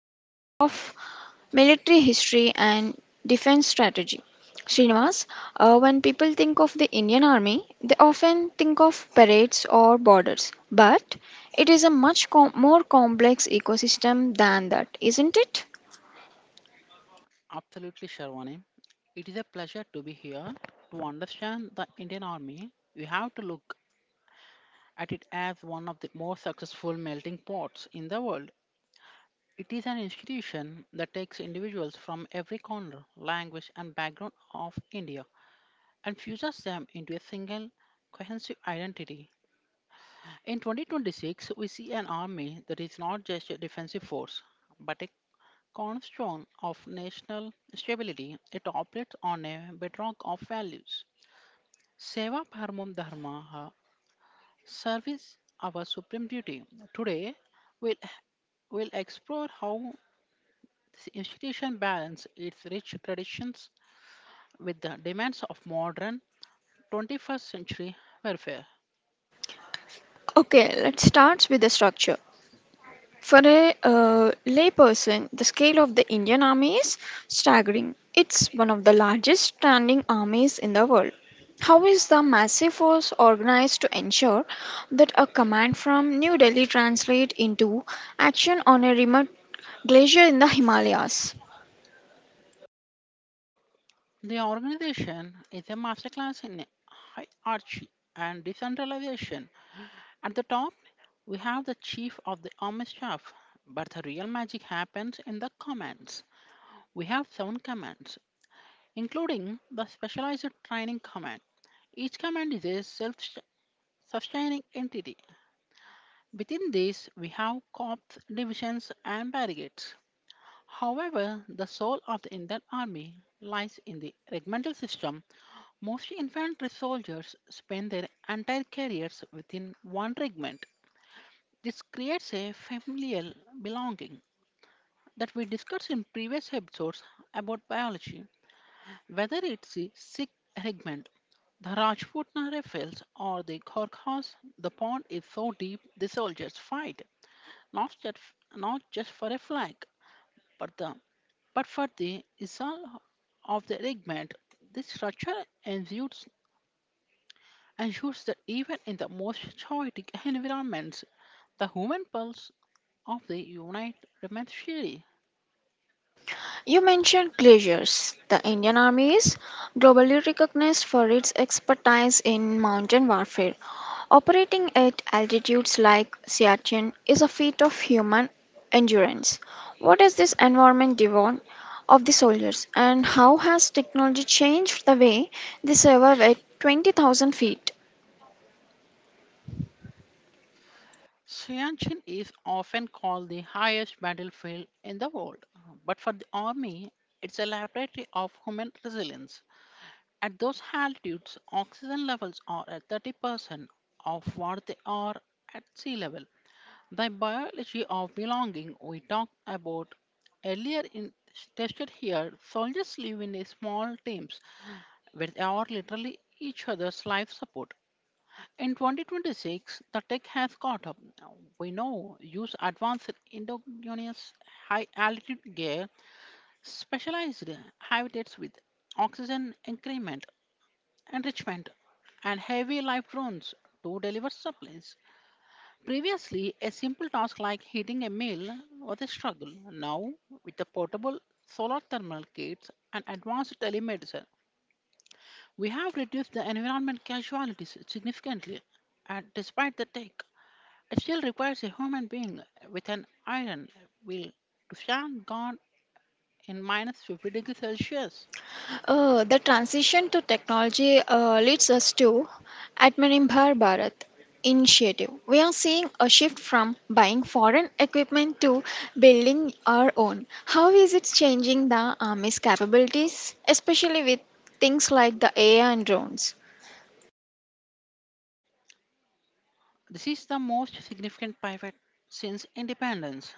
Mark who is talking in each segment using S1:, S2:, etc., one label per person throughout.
S1: a scholar of military history and defense strategy. Srinivas, when people think of the Indian Army, they often think of parades or borders. But it is a much more complex ecosystem than that, isn't it?
S2: Absolutely, Sharwani. It is a pleasure to be here. To understand the Indian Army, we have to look at it as one of the most successful melting pots in the world. It is an institution that takes individuals from every corner, language, and background of India and fuses them into a single cohesive identity. In 2026, we see an army that is not just a defensive force, but a cornerstone of national stability. It operates on a bedrock of values. Seva paramam dharmaha, service our supreme duty. Today, we'll, we'll explore how this institution balances its rich traditions with the demands of modern 21st century welfare.
S1: Okay, let's start with the structure. For a layperson, the scale of the Indian Army is staggering. It's one of the largest standing armies in the world. How is the massive force organized to ensure that a command from New Delhi translates into action on a remote glacier in the Himalayas?
S2: The organization is a masterclass in hierarchy and decentralization. At the top, we have the chief of the army staff, but the real magic happens in the commands. We have seven commands, including the specialized training command. Each command is a self sustaining entity. Within this, we have corps, divisions, and brigades. However, the soul of the Indian Army lies in the regimental system. Most infantry soldiers spend their entire careers within one regiment. This creates a familial belonging that we discussed in previous episodes about biology, whether it's the sick regiment, the Rajputna rifles, or the Kharkas, the pond is so deep the soldiers fight, not just, not just for a flag, but, the, but for the isal of the regiment. This structure ensures, ensures that even in the most chaotic environments, the human pulse of the unit remains steady.
S1: You mentioned glaciers. The Indian Army is globally recognized for its expertise in mountain warfare. Operating at altitudes like Siachen is a feat of human endurance. What is this environment demand of the soldiers, and how has technology changed the way they survive at 20,000 feet?
S2: Siachen is often called the highest battlefield in the world, but for the army, it's a laboratory of human resilience. At those altitudes, oxygen levels are at 30% of what they are at sea level. The biology of belonging we talked about earlier in tested here, soldiers live in a small teams where they are literally each other's life support. In 2026, the tech has caught up. We now use advanced endogenous high altitude gear, specialized habitats with oxygen enrichment, and heavy life drones to deliver supplies. Previously, a simple task like heating a meal was a struggle. Now, with the portable solar thermal kits and advanced telemedicine, we have reduced the environment casualties significantly. And despite the tech, it still requires a human being with an iron will to stand guard in minus 50 degrees Celsius.
S1: The transition to technology leads us to Atmanirbhar Bharat initiative. We are seeing a shift from buying foreign equipment to building our own. How is it changing the army's capabilities, especially with things like the AI and drones?
S2: This is the most significant pivot since independence.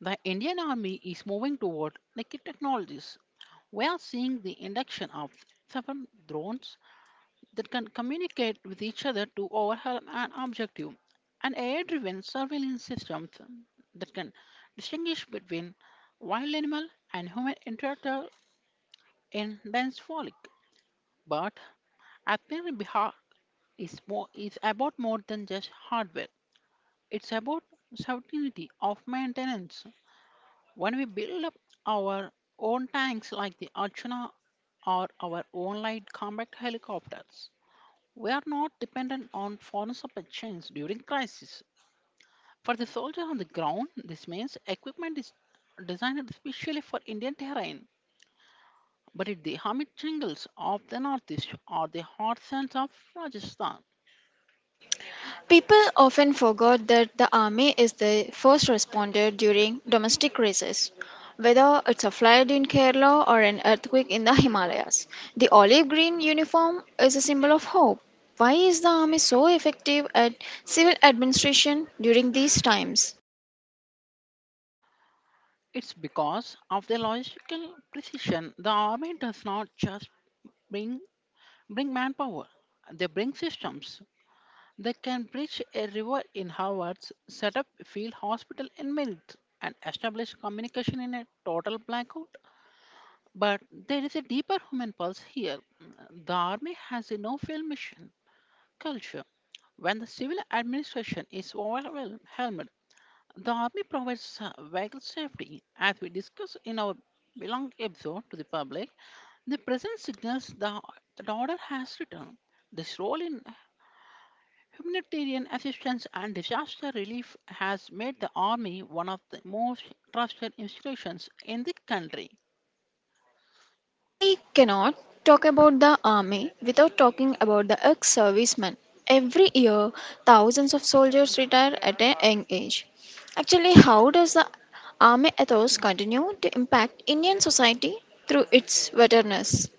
S2: The Indian Army is moving toward naked technologies. We are seeing the induction of seven drones that can communicate with each other to overwhelm an objective, and AI driven surveillance systems that can distinguish between wild animal and human in dense frolic. But Atmir Bihar is about more than just hardware. It's about certainty of maintenance. When we build up our own tanks like the Archana or our own light combat helicopters, we are not dependent on foreign supply chains during crisis. For the soldier on the ground, this means equipment is designed especially for Indian terrain, but if the hermit jungles of the northeast or the hot sands of Rajasthan,
S1: People often forget that the army is the first responder during domestic crises. Whether it's a flood in Kerala or an earthquake in the Himalayas, the olive green uniform is a symbol of hope. Why is the army so effective at civil administration during these times?
S2: it's because of their logistical precision. The army does not just bring bring manpower; they bring systems. They can bridge a river in hours, set up a field hospital in minutes, and establish communication in a total blackout. But there is a deeper human pulse here. The army has a no-fail mission culture. When the civil administration is overwhelmed, the Army provides vital safety. As we discussed in our belong episode to the public, the present signals the, that order has returned. This role in humanitarian assistance and disaster relief has made the Army one of the most trusted institutions in the country.
S1: We cannot talk about the army without talking about the ex servicemen. Every year, thousands of soldiers retire at a young age. Actually, how does the army ethos continue to impact Indian society through its veterans?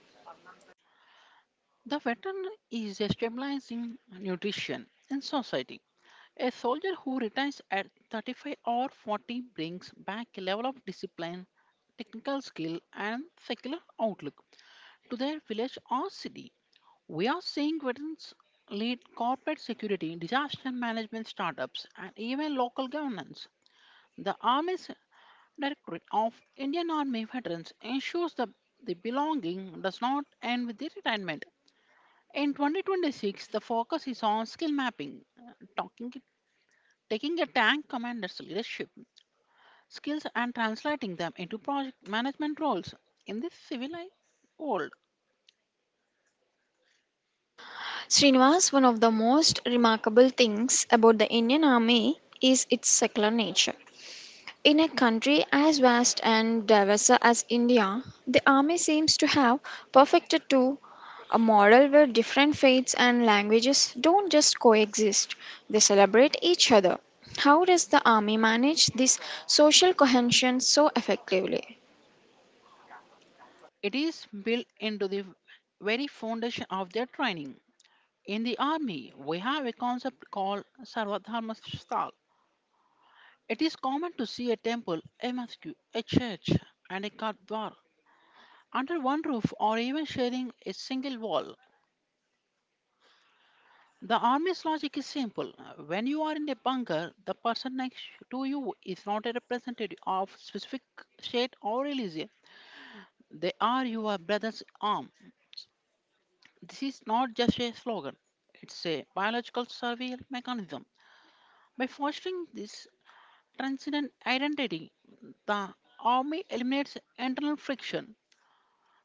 S2: The veteran is a stabilizing nutrition in society. A soldier who retires at 35 or 40 brings back a level of discipline, technical skill, and secular outlook to their village or city. We are seeing veterans lead corporate security, disaster management startups, and even local governance. The Army's Directorate of Indian Army Veterans ensures that the belonging does not end with the retirement. In 2026, the focus is on skill mapping, talking Taking a tank commander's leadership skills and translating them into project management roles in this civilized world,
S1: Srinivas, one of the most remarkable things about the Indian army is its secular nature. In a country as vast and diverse as India, the army seems to have perfected to a model where different faiths and languages don't just coexist, they celebrate each other. How does the army manage this social cohesion so effectively?
S2: it is built into the very foundation of their training. In the army, we have a concept called Sarvadharma Sthal. It is common to see a temple, a mosque, a church, and a gurdwara under one roof or even sharing a single wall. The army's logic is simple. When you are in a bunker, the person next to you is not a representative of specific state or religion. They are your brother's arm. This is not just a slogan. It's a biological survival mechanism. By fostering this transcendent identity, the army eliminates internal friction.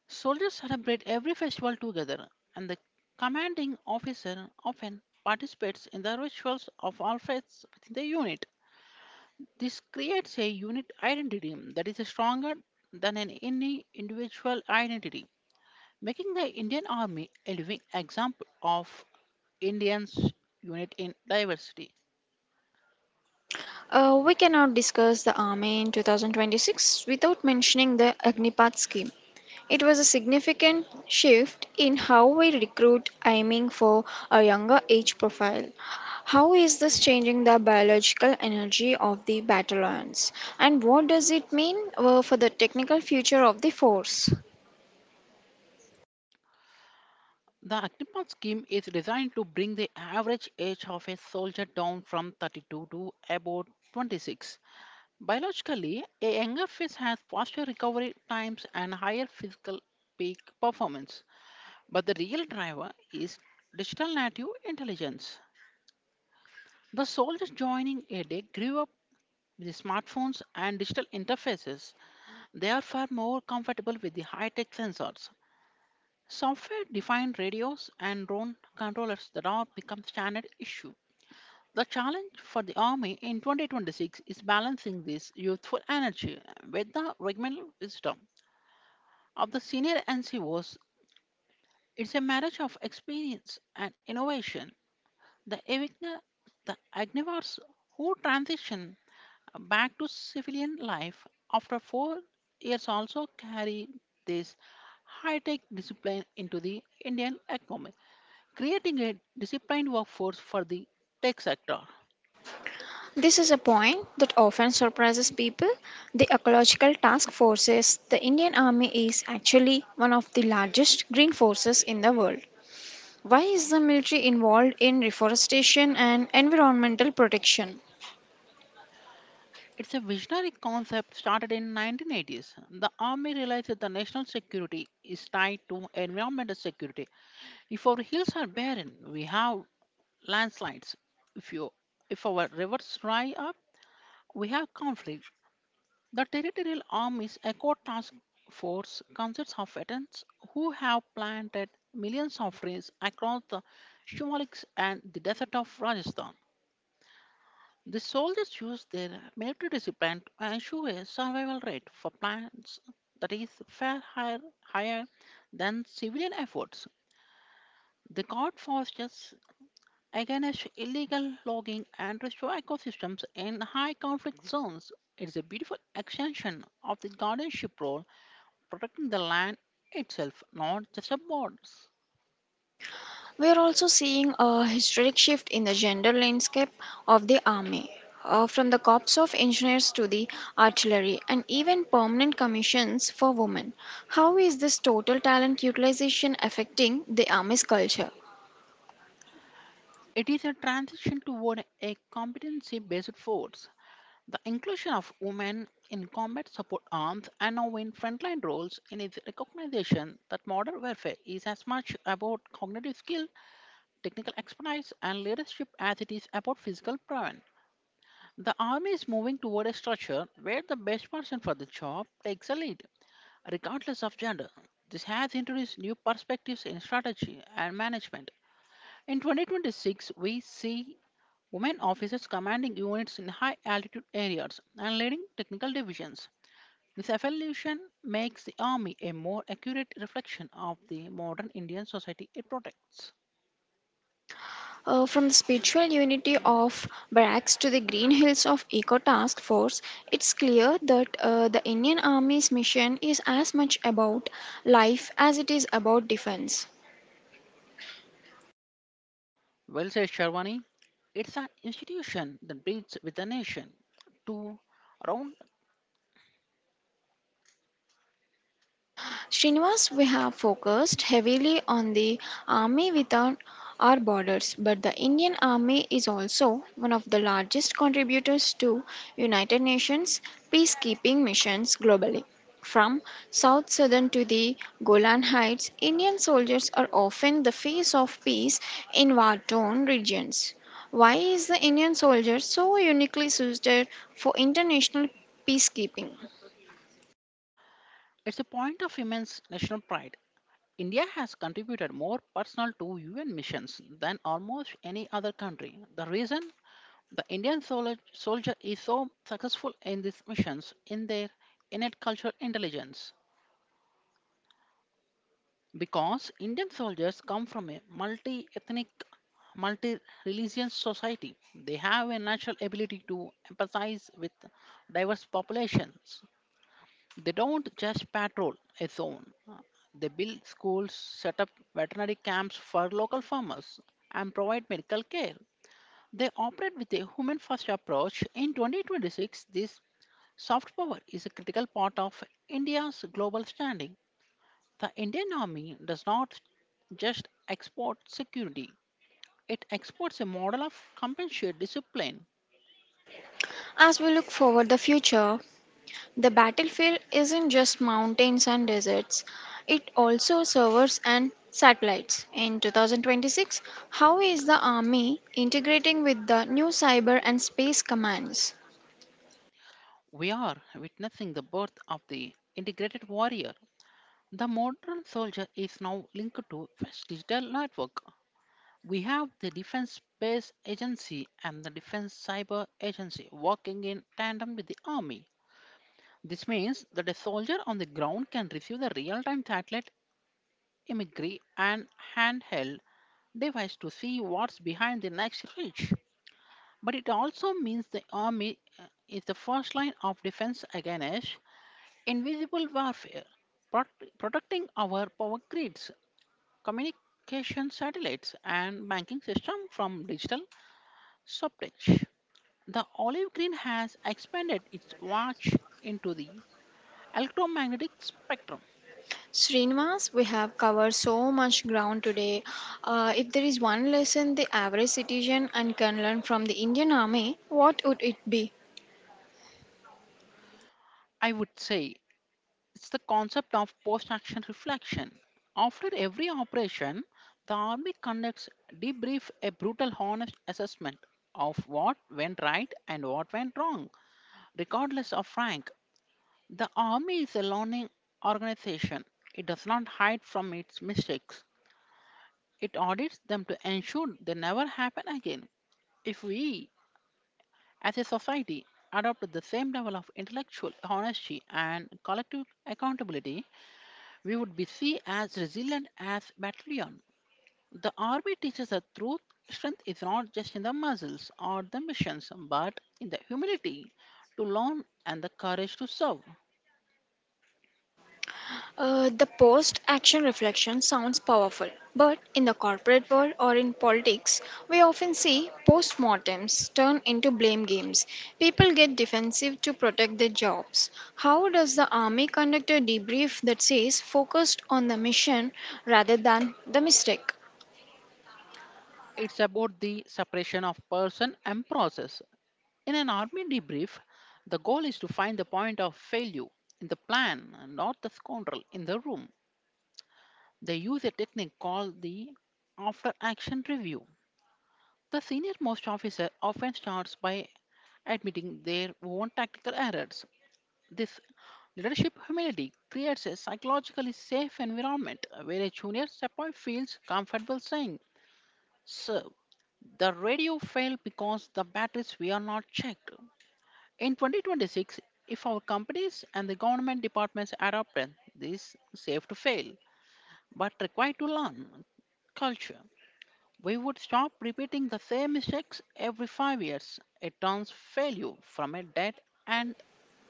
S2: Soldiers celebrate every festival together, and the commanding officer often participates in the rituals of all faiths within the unit. This creates a unit identity that is stronger than an any individual identity, making the Indian Army a living example of Indians' unit in diversity.
S1: We cannot discuss the army in 2026 without mentioning the Agnipath scheme. It was a significant shift in how we recruit, aiming for a younger age profile. How is this changing the biological energy of the battalions? And what does it mean for the technical future of the force?
S2: The Agnipath scheme is designed to bring the average age of a soldier down from 32 to about 26. Biologically, a younger fish has faster recovery times and higher physical peak performance, but the real driver is digital native intelligence. The soul is joining era grew up with the smartphones and digital interfaces. They are far more comfortable with the high-tech sensors, software-defined radios, and drone controllers that are become standard issue. The challenge for the army in 2026 is balancing this youthful energy with the regimental wisdom of the senior NCOs. It's a marriage of experience and innovation. The Evigna, the Agnivars who transition back to civilian life after 4 years also carry this high-tech discipline into the Indian economy, creating a disciplined workforce for the tech sector.
S1: This is a point that often surprises people. The ecological task forces, the Indian Army is actually one of the largest green forces in the world. Why is the military involved in reforestation and environmental protection?
S2: It's a visionary concept started in 1980s. The army realized that the national security is tied to environmental security. If our hills are barren, we have landslides. If you if our rivers dry up, we have conflict. The territorial armies eco task force consists of veterans who have planted millions of trees across the Shimaliks and the desert of Rajasthan. The soldiers use their military discipline to ensure a survival rate for plants that is far higher than civilian efforts. They guard forests against illegal logging and restore ecosystems in high conflict zones. It is a beautiful extension of the guardianship role protecting the land itself, not just the borders.
S1: We are also seeing a historic shift in the gender landscape of the army, from the corps of engineers to the artillery, and even permanent commissions for women. How is this total talent utilization affecting the army's culture?
S2: It is a transition toward a competency based force. The inclusion of women in combat support arms and now in frontline roles in its recognition that modern warfare is as much about cognitive skill, technical expertise, and leadership as it is about physical prowess. The army is moving toward a structure where the best person for the job takes the lead, regardless of gender. This has introduced new perspectives in strategy and management. In 2026, we see women officers commanding units in high altitude areas and leading technical divisions. This evolution makes the army a more accurate reflection of the modern Indian society it protects.
S1: From the spiritual unity of barracks to the green hills of eco task force, it's clear that the indian army's mission is as much about life as it is about defense.
S2: Well said, Sharwani. It's an institution that breathes with the nation. To round,
S1: Srinivas, we have focused heavily on the army without our borders, but the Indian Army is also one of the largest contributors to United Nations peacekeeping missions globally. From South Sudan to the Golan Heights, Indian soldiers are often the face of peace in war torn regions. Why is the Indian soldier so uniquely suited for international peacekeeping?
S2: it's a point of immense national pride. India has contributed more personal to UN missions than almost any other country. The reason? The soldier is so successful in these missions in their innate cultural intelligence because Indian soldiers come from a multi ethnic, multi religious society. They have a natural ability to empathize with diverse populations. They don't just patrol a zone, they build schools, set up veterinary camps for local farmers, and provide medical care. They operate with a human first approach. In 2026, this soft power is a critical part of India's global standing. The Indian Army does not just export security, it exports a model of compassionate discipline.
S1: As we look forward the future, the battlefield isn't just mountains and deserts, it also servers and satellites. In 2026, how is the Army integrating with the new cyber and space commands?
S2: We are witnessing the birth of the integrated warrior. The modern soldier is now linked to West Digital Network. We have the Defense Space Agency and the Defense Cyber Agency working in tandem with the Army. This means that a soldier on the ground can receive the real time satellite imagery and handheld device to see what's behind the next ridge. But it also means the army is the first line of defense against invisible warfare, protecting our power grids, communication satellites, and banking system from digital sabotage. The olive green has expanded its watch into the electromagnetic spectrum.
S1: Srinivas, we have covered so much ground today. If there is one lesson the average citizen and can learn from the Indian Army, what would it be?
S2: I would say it's the concept of post action reflection. After every operation, the Army conducts debrief a brutal honest assessment of what went right and what went wrong. Regardless of rank, the Army is a learning organization. It does not hide from its mistakes. It audits them to ensure they never happen again. If we, as a society, adopt the same level of intellectual honesty and collective accountability, we would be seen as resilient as battalion. The army teaches that truth strength is not just in the muscles or the missions, but in the humility to learn and the courage to serve.
S1: The post action reflection sounds powerful, but in the corporate world or in politics, we often see post mortems turn into blame games. People get defensive to protect their jobs. How does the army conduct a debrief that says focused on the mission rather than the mistake?
S2: It's about the separation of person and process. In an army debrief, the goal is to find the point of failure in the plan, not the scoundrel in the room. They use a technique called the after action review. The senior most officer often starts by admitting their own tactical errors. This leadership humility creates a psychologically safe environment where a junior sepoy feels comfortable saying, "Sir, the radio failed because the batteries were not checked." In 2026, if our companies and the government departments adopt this safe to fail but required to learn culture, we would stop repeating the same mistakes every 5 years. It turns failure from a dead and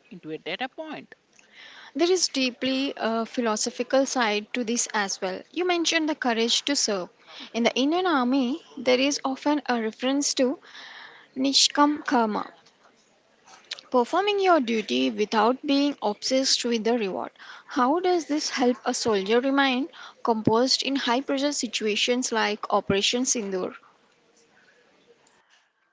S2: into a data point.
S1: There is deeply a philosophical side to this as well. You mentioned the courage to serve. In the Indian Army, there is often a reference to Nishkam Karma, performing your duty without being obsessed with the reward. How does this help a soldier remain composed in high pressure situations like Operation Sindoor?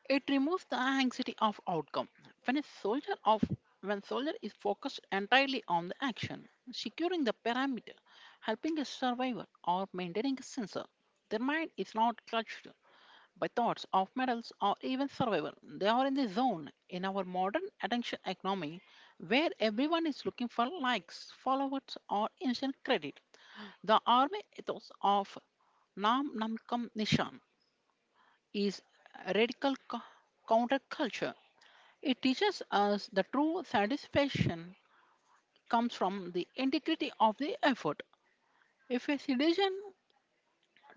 S2: It removes the anxiety of outcome. When a soldier of when soldier is focused entirely on the action, securing the parameter, helping a survivor or maintaining a sensor, their mind is not clutched by thoughts of medals or even survival. They are in the zone. In our modern attention economy where everyone is looking for likes, followers, or instant credit, the army ethos of Namkam Nishan is radical counterculture. It teaches us the true satisfaction comes from the integrity of the effort. If a citizen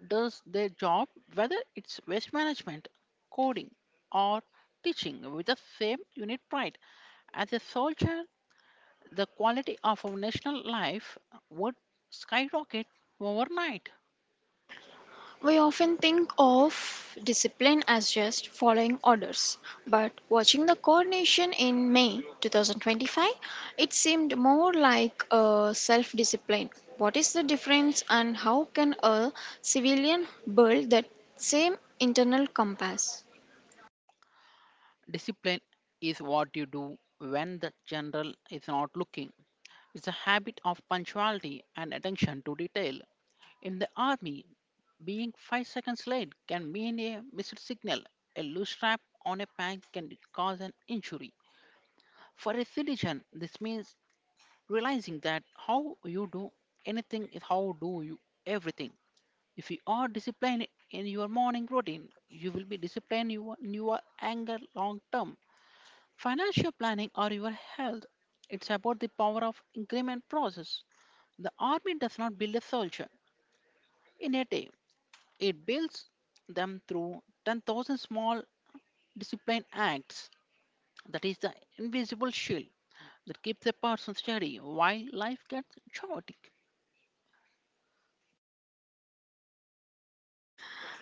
S2: does their job, whether it's waste management, coding, or teaching, with the same unit pride as a soldier, the quality of our national life would skyrocket overnight.
S1: We often think of discipline as just following orders, but watching the coronation in May 2025, it seemed more like a self discipline. What is the difference, and how can a civilian build that same internal compass?
S2: Discipline is what you do when the general is not looking. Is a habit of punctuality and attention to detail. In the army, being 5 seconds late can mean a missed signal. A loose strap on a pant can cause an injury. For a citizen, this means realizing that how you do anything is how do you everything. If you are disciplined in your morning routine, you will be disciplined in your anger, long term, financial planning, or your health. It's about the power of increment process. The army does not build a soldier in a day. It builds them through 10,000 small disciplined acts. That is the invisible shield that keeps a person steady while life gets chaotic.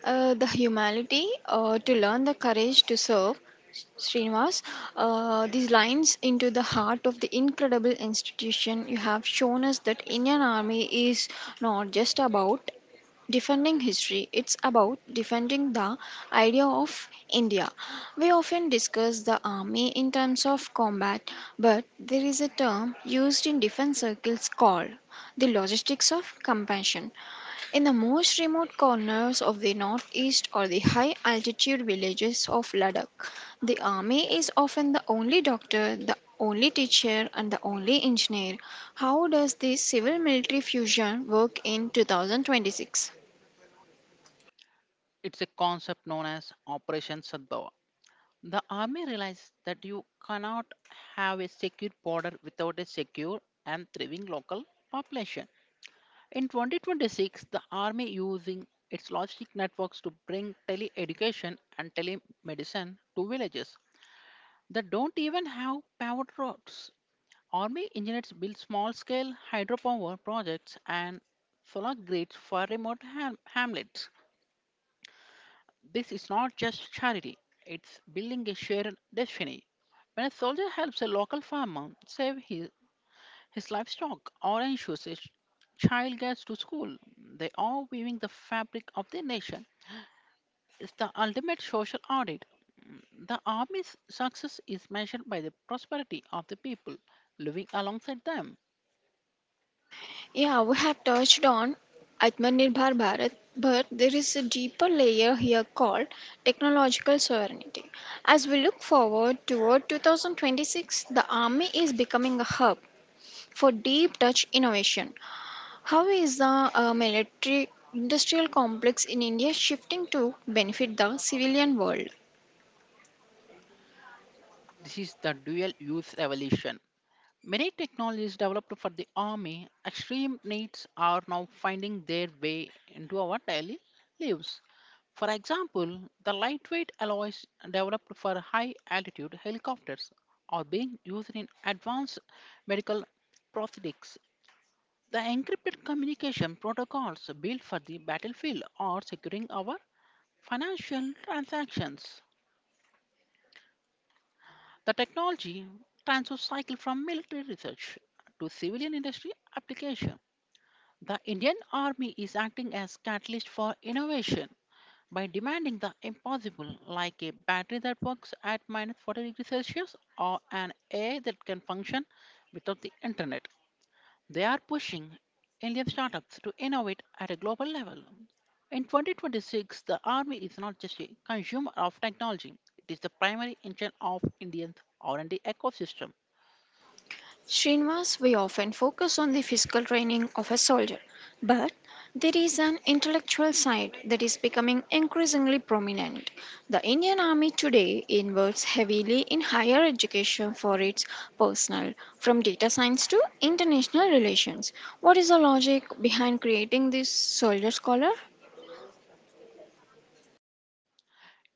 S1: The humanity to learn the courage to serve, Srinivas. These lines into the heart of the incredible institution. You have shown us that Indian Army is not just about defending history, it's about defending the idea of india. We often discuss the army in terms of combat, but there is a term used in defense circles called the logistics of compassion. In the most remote corners of the northeast or the high altitude villages of Ladakh, the army is often the only doctor, the only teacher, and the only engineer. How does this civil military fusion work in 2026?
S2: It's a concept known as Operation Sadbhava. The army realized that you cannot have a secure border without a secure and thriving local population. In 2026, the Army using its logistic networks to bring tele-education and telemedicine to villages that don't even have paved roads. Army engineers build small-scale hydropower projects and solar grids for remote hamlets. This is not just charity, it's building a shared destiny. When a soldier helps a local farmer save his livestock or ensures his child gets to school, they are weaving the fabric of the nation. It's the ultimate social audit. The army's success is measured by the prosperity of the people living alongside them.
S1: Yeah, we have touched on Atmanirbhar Bharat, but there is a deeper layer here called technological sovereignty. As we look forward toward 2026, the army is becoming a hub for deep touch innovation. How is the military industrial complex in India shifting to benefit the civilian world?
S2: This is the dual use revolution. Many technologies developed for the army, extreme needs, are now finding their way into our daily lives. For example, the lightweight alloys developed for high altitude helicopters are being used in advanced medical prosthetics. The encrypted communication protocols built for the battlefield are securing our financial transactions. The technology transfers cycle from military research to civilian industry application. The Indian Army is acting as catalyst for innovation by demanding the impossible, like a battery that works at minus 40 degrees Celsius or an AI that can function without the internet. They are pushing Indian startups to innovate at a global level. In 2026, the army is not just a consumer of technology, it is the primary engine of India's R&D ecosystem.
S1: Srinivas, we often focus on the physical training of a soldier, but there is an intellectual side that is becoming increasingly prominent. The Indian Army today invests heavily in higher education for its personnel, from data science to international relations. What is the logic behind creating this soldier scholar?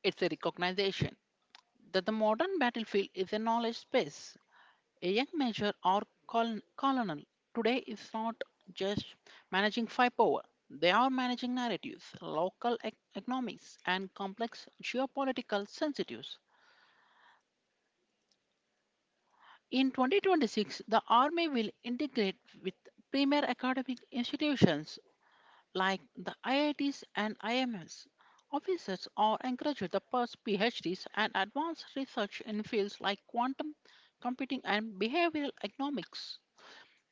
S2: It's a recognition that the modern battlefield is a knowledge space. A young major or colonel today is not just managing firepower, they are managing narratives, local economies, and complex geopolitical sensitives. In 2026, the Army will integrate with premier academic institutions like the IITs and IMS. Officers are encouraged to pursue PhDs and advanced research in fields like quantum computing and behavioral economics.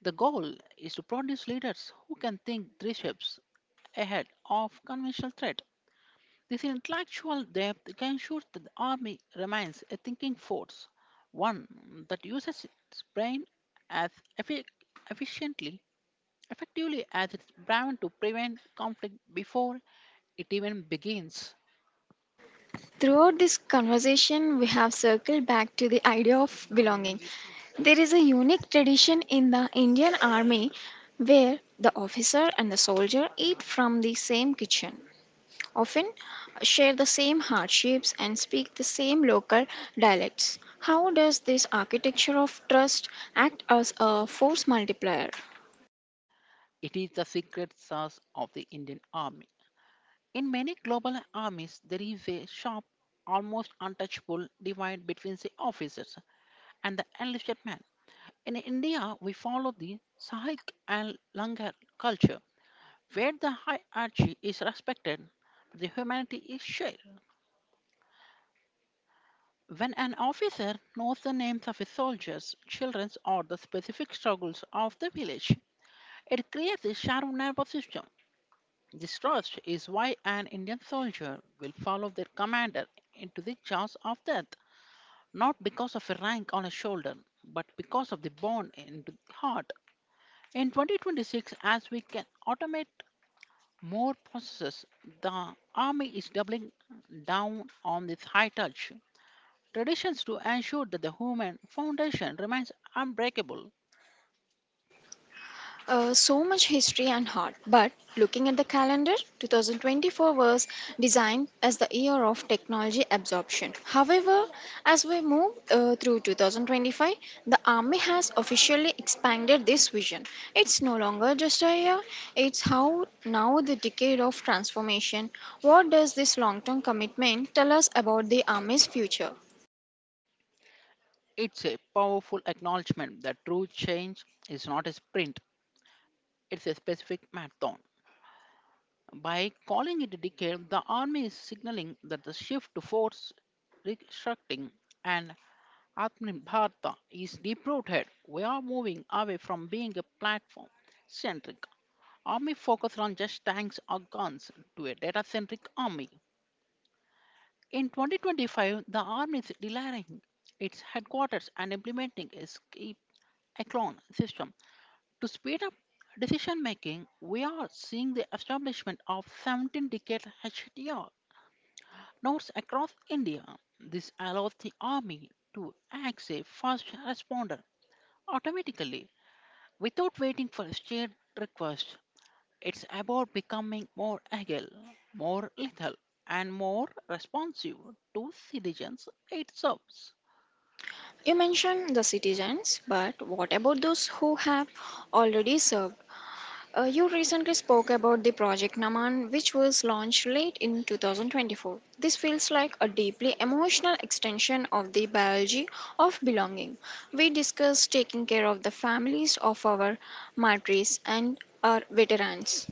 S2: The goal is to produce leaders who can think three steps ahead of conventional threat. This intellectual depth can ensure that the army remains a thinking force, one that uses its brain as effi- efficiently, effectively, as its brain to prevent conflict before it even begins.
S1: Throughout this conversation, we have circled back to the idea of belonging. There is a unique tradition in the Indian army where the officer and the soldier eat from the same kitchen, often share the same hardships, and speak the same local dialects. How does this architecture of trust act as a force multiplier?
S2: It is the secret sauce of the Indian army. In many global armies, there is a sharp, almost untouchable divide between the officers and the enlisted man. In India, we follow the Sahik and Langar culture, where the hierarchy is respected, the humanity is shared. When an officer knows the names of his soldiers, children, or the specific struggles of the village, it creates a shared nervous system. This trust is why an Indian soldier will follow their commander into the jaws of death, not because of a rank on a shoulder, but because of the bond in the heart. In 2026, as we can automate more processes, the Army is doubling down on this high touch traditions to ensure that the human foundation remains unbreakable.
S1: So much history and heart. But looking at the calendar, 2024 was designed as the year of technology absorption. However, as we move through 2025, the Army has officially expanded this vision. It's no longer just a year, it's how now the decade of transformation. What does this long term commitment tell us about the Army's future?
S2: It's a powerful acknowledgement that true change is not a sprint, it's a specific marathon. By calling it a decade, the Army is signaling that the shift to force restructuring and Atmanirbharta is deep rooted. We are moving away from being a platform centric army focused on just tanks or guns to a data centric army. In 2025, the army is relaying its headquarters and implementing a skip echelon system to speed up decision making. We are seeing the establishment of 17 decade HDR nodes across India. This allows the army to act as a first responder automatically, without waiting for a shared request. It's about becoming more agile, more lethal, and more responsive to citizens it serves.
S1: You mentioned the citizens, but what about those who have already served? You recently spoke about the project Naman, which was launched late in 2024. This feels like a deeply emotional extension of the biology of belonging. We discussed taking care of the families of our martyrs and our veterans.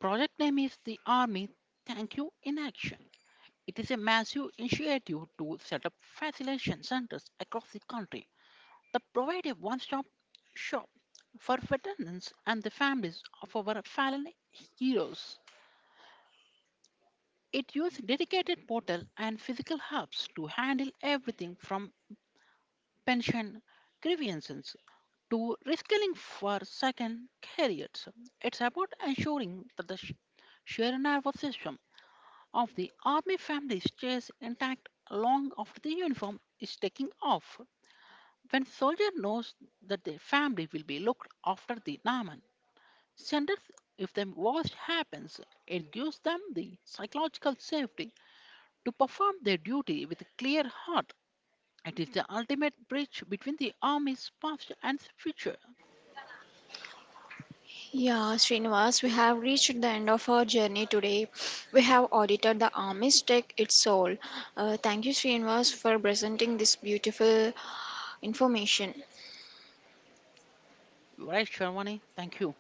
S2: Project name is the Army Thank You in Action. It is a massive initiative to set up facilitation centers across the country that provide a one stop shop for veterans and the families of our fallen heroes. It uses dedicated portal and physical hubs to handle everything from pension grievances to reskilling for second careers. It's about ensuring that the sheer nervous system of the army family stays intact long after the uniform is taken off. When soldier knows that their family will be looked after the Naman centers if the worst happens, it gives them the psychological safety to perform their duty with a clear heart. It is the ultimate bridge between the army's past and future.
S1: Yeah, Srinivas, we have reached the end of our journey today. We have audited the army's tech, its soul. Thank you, Srinivas, for presenting this beautiful information.
S2: Right, Sharmani, thank you.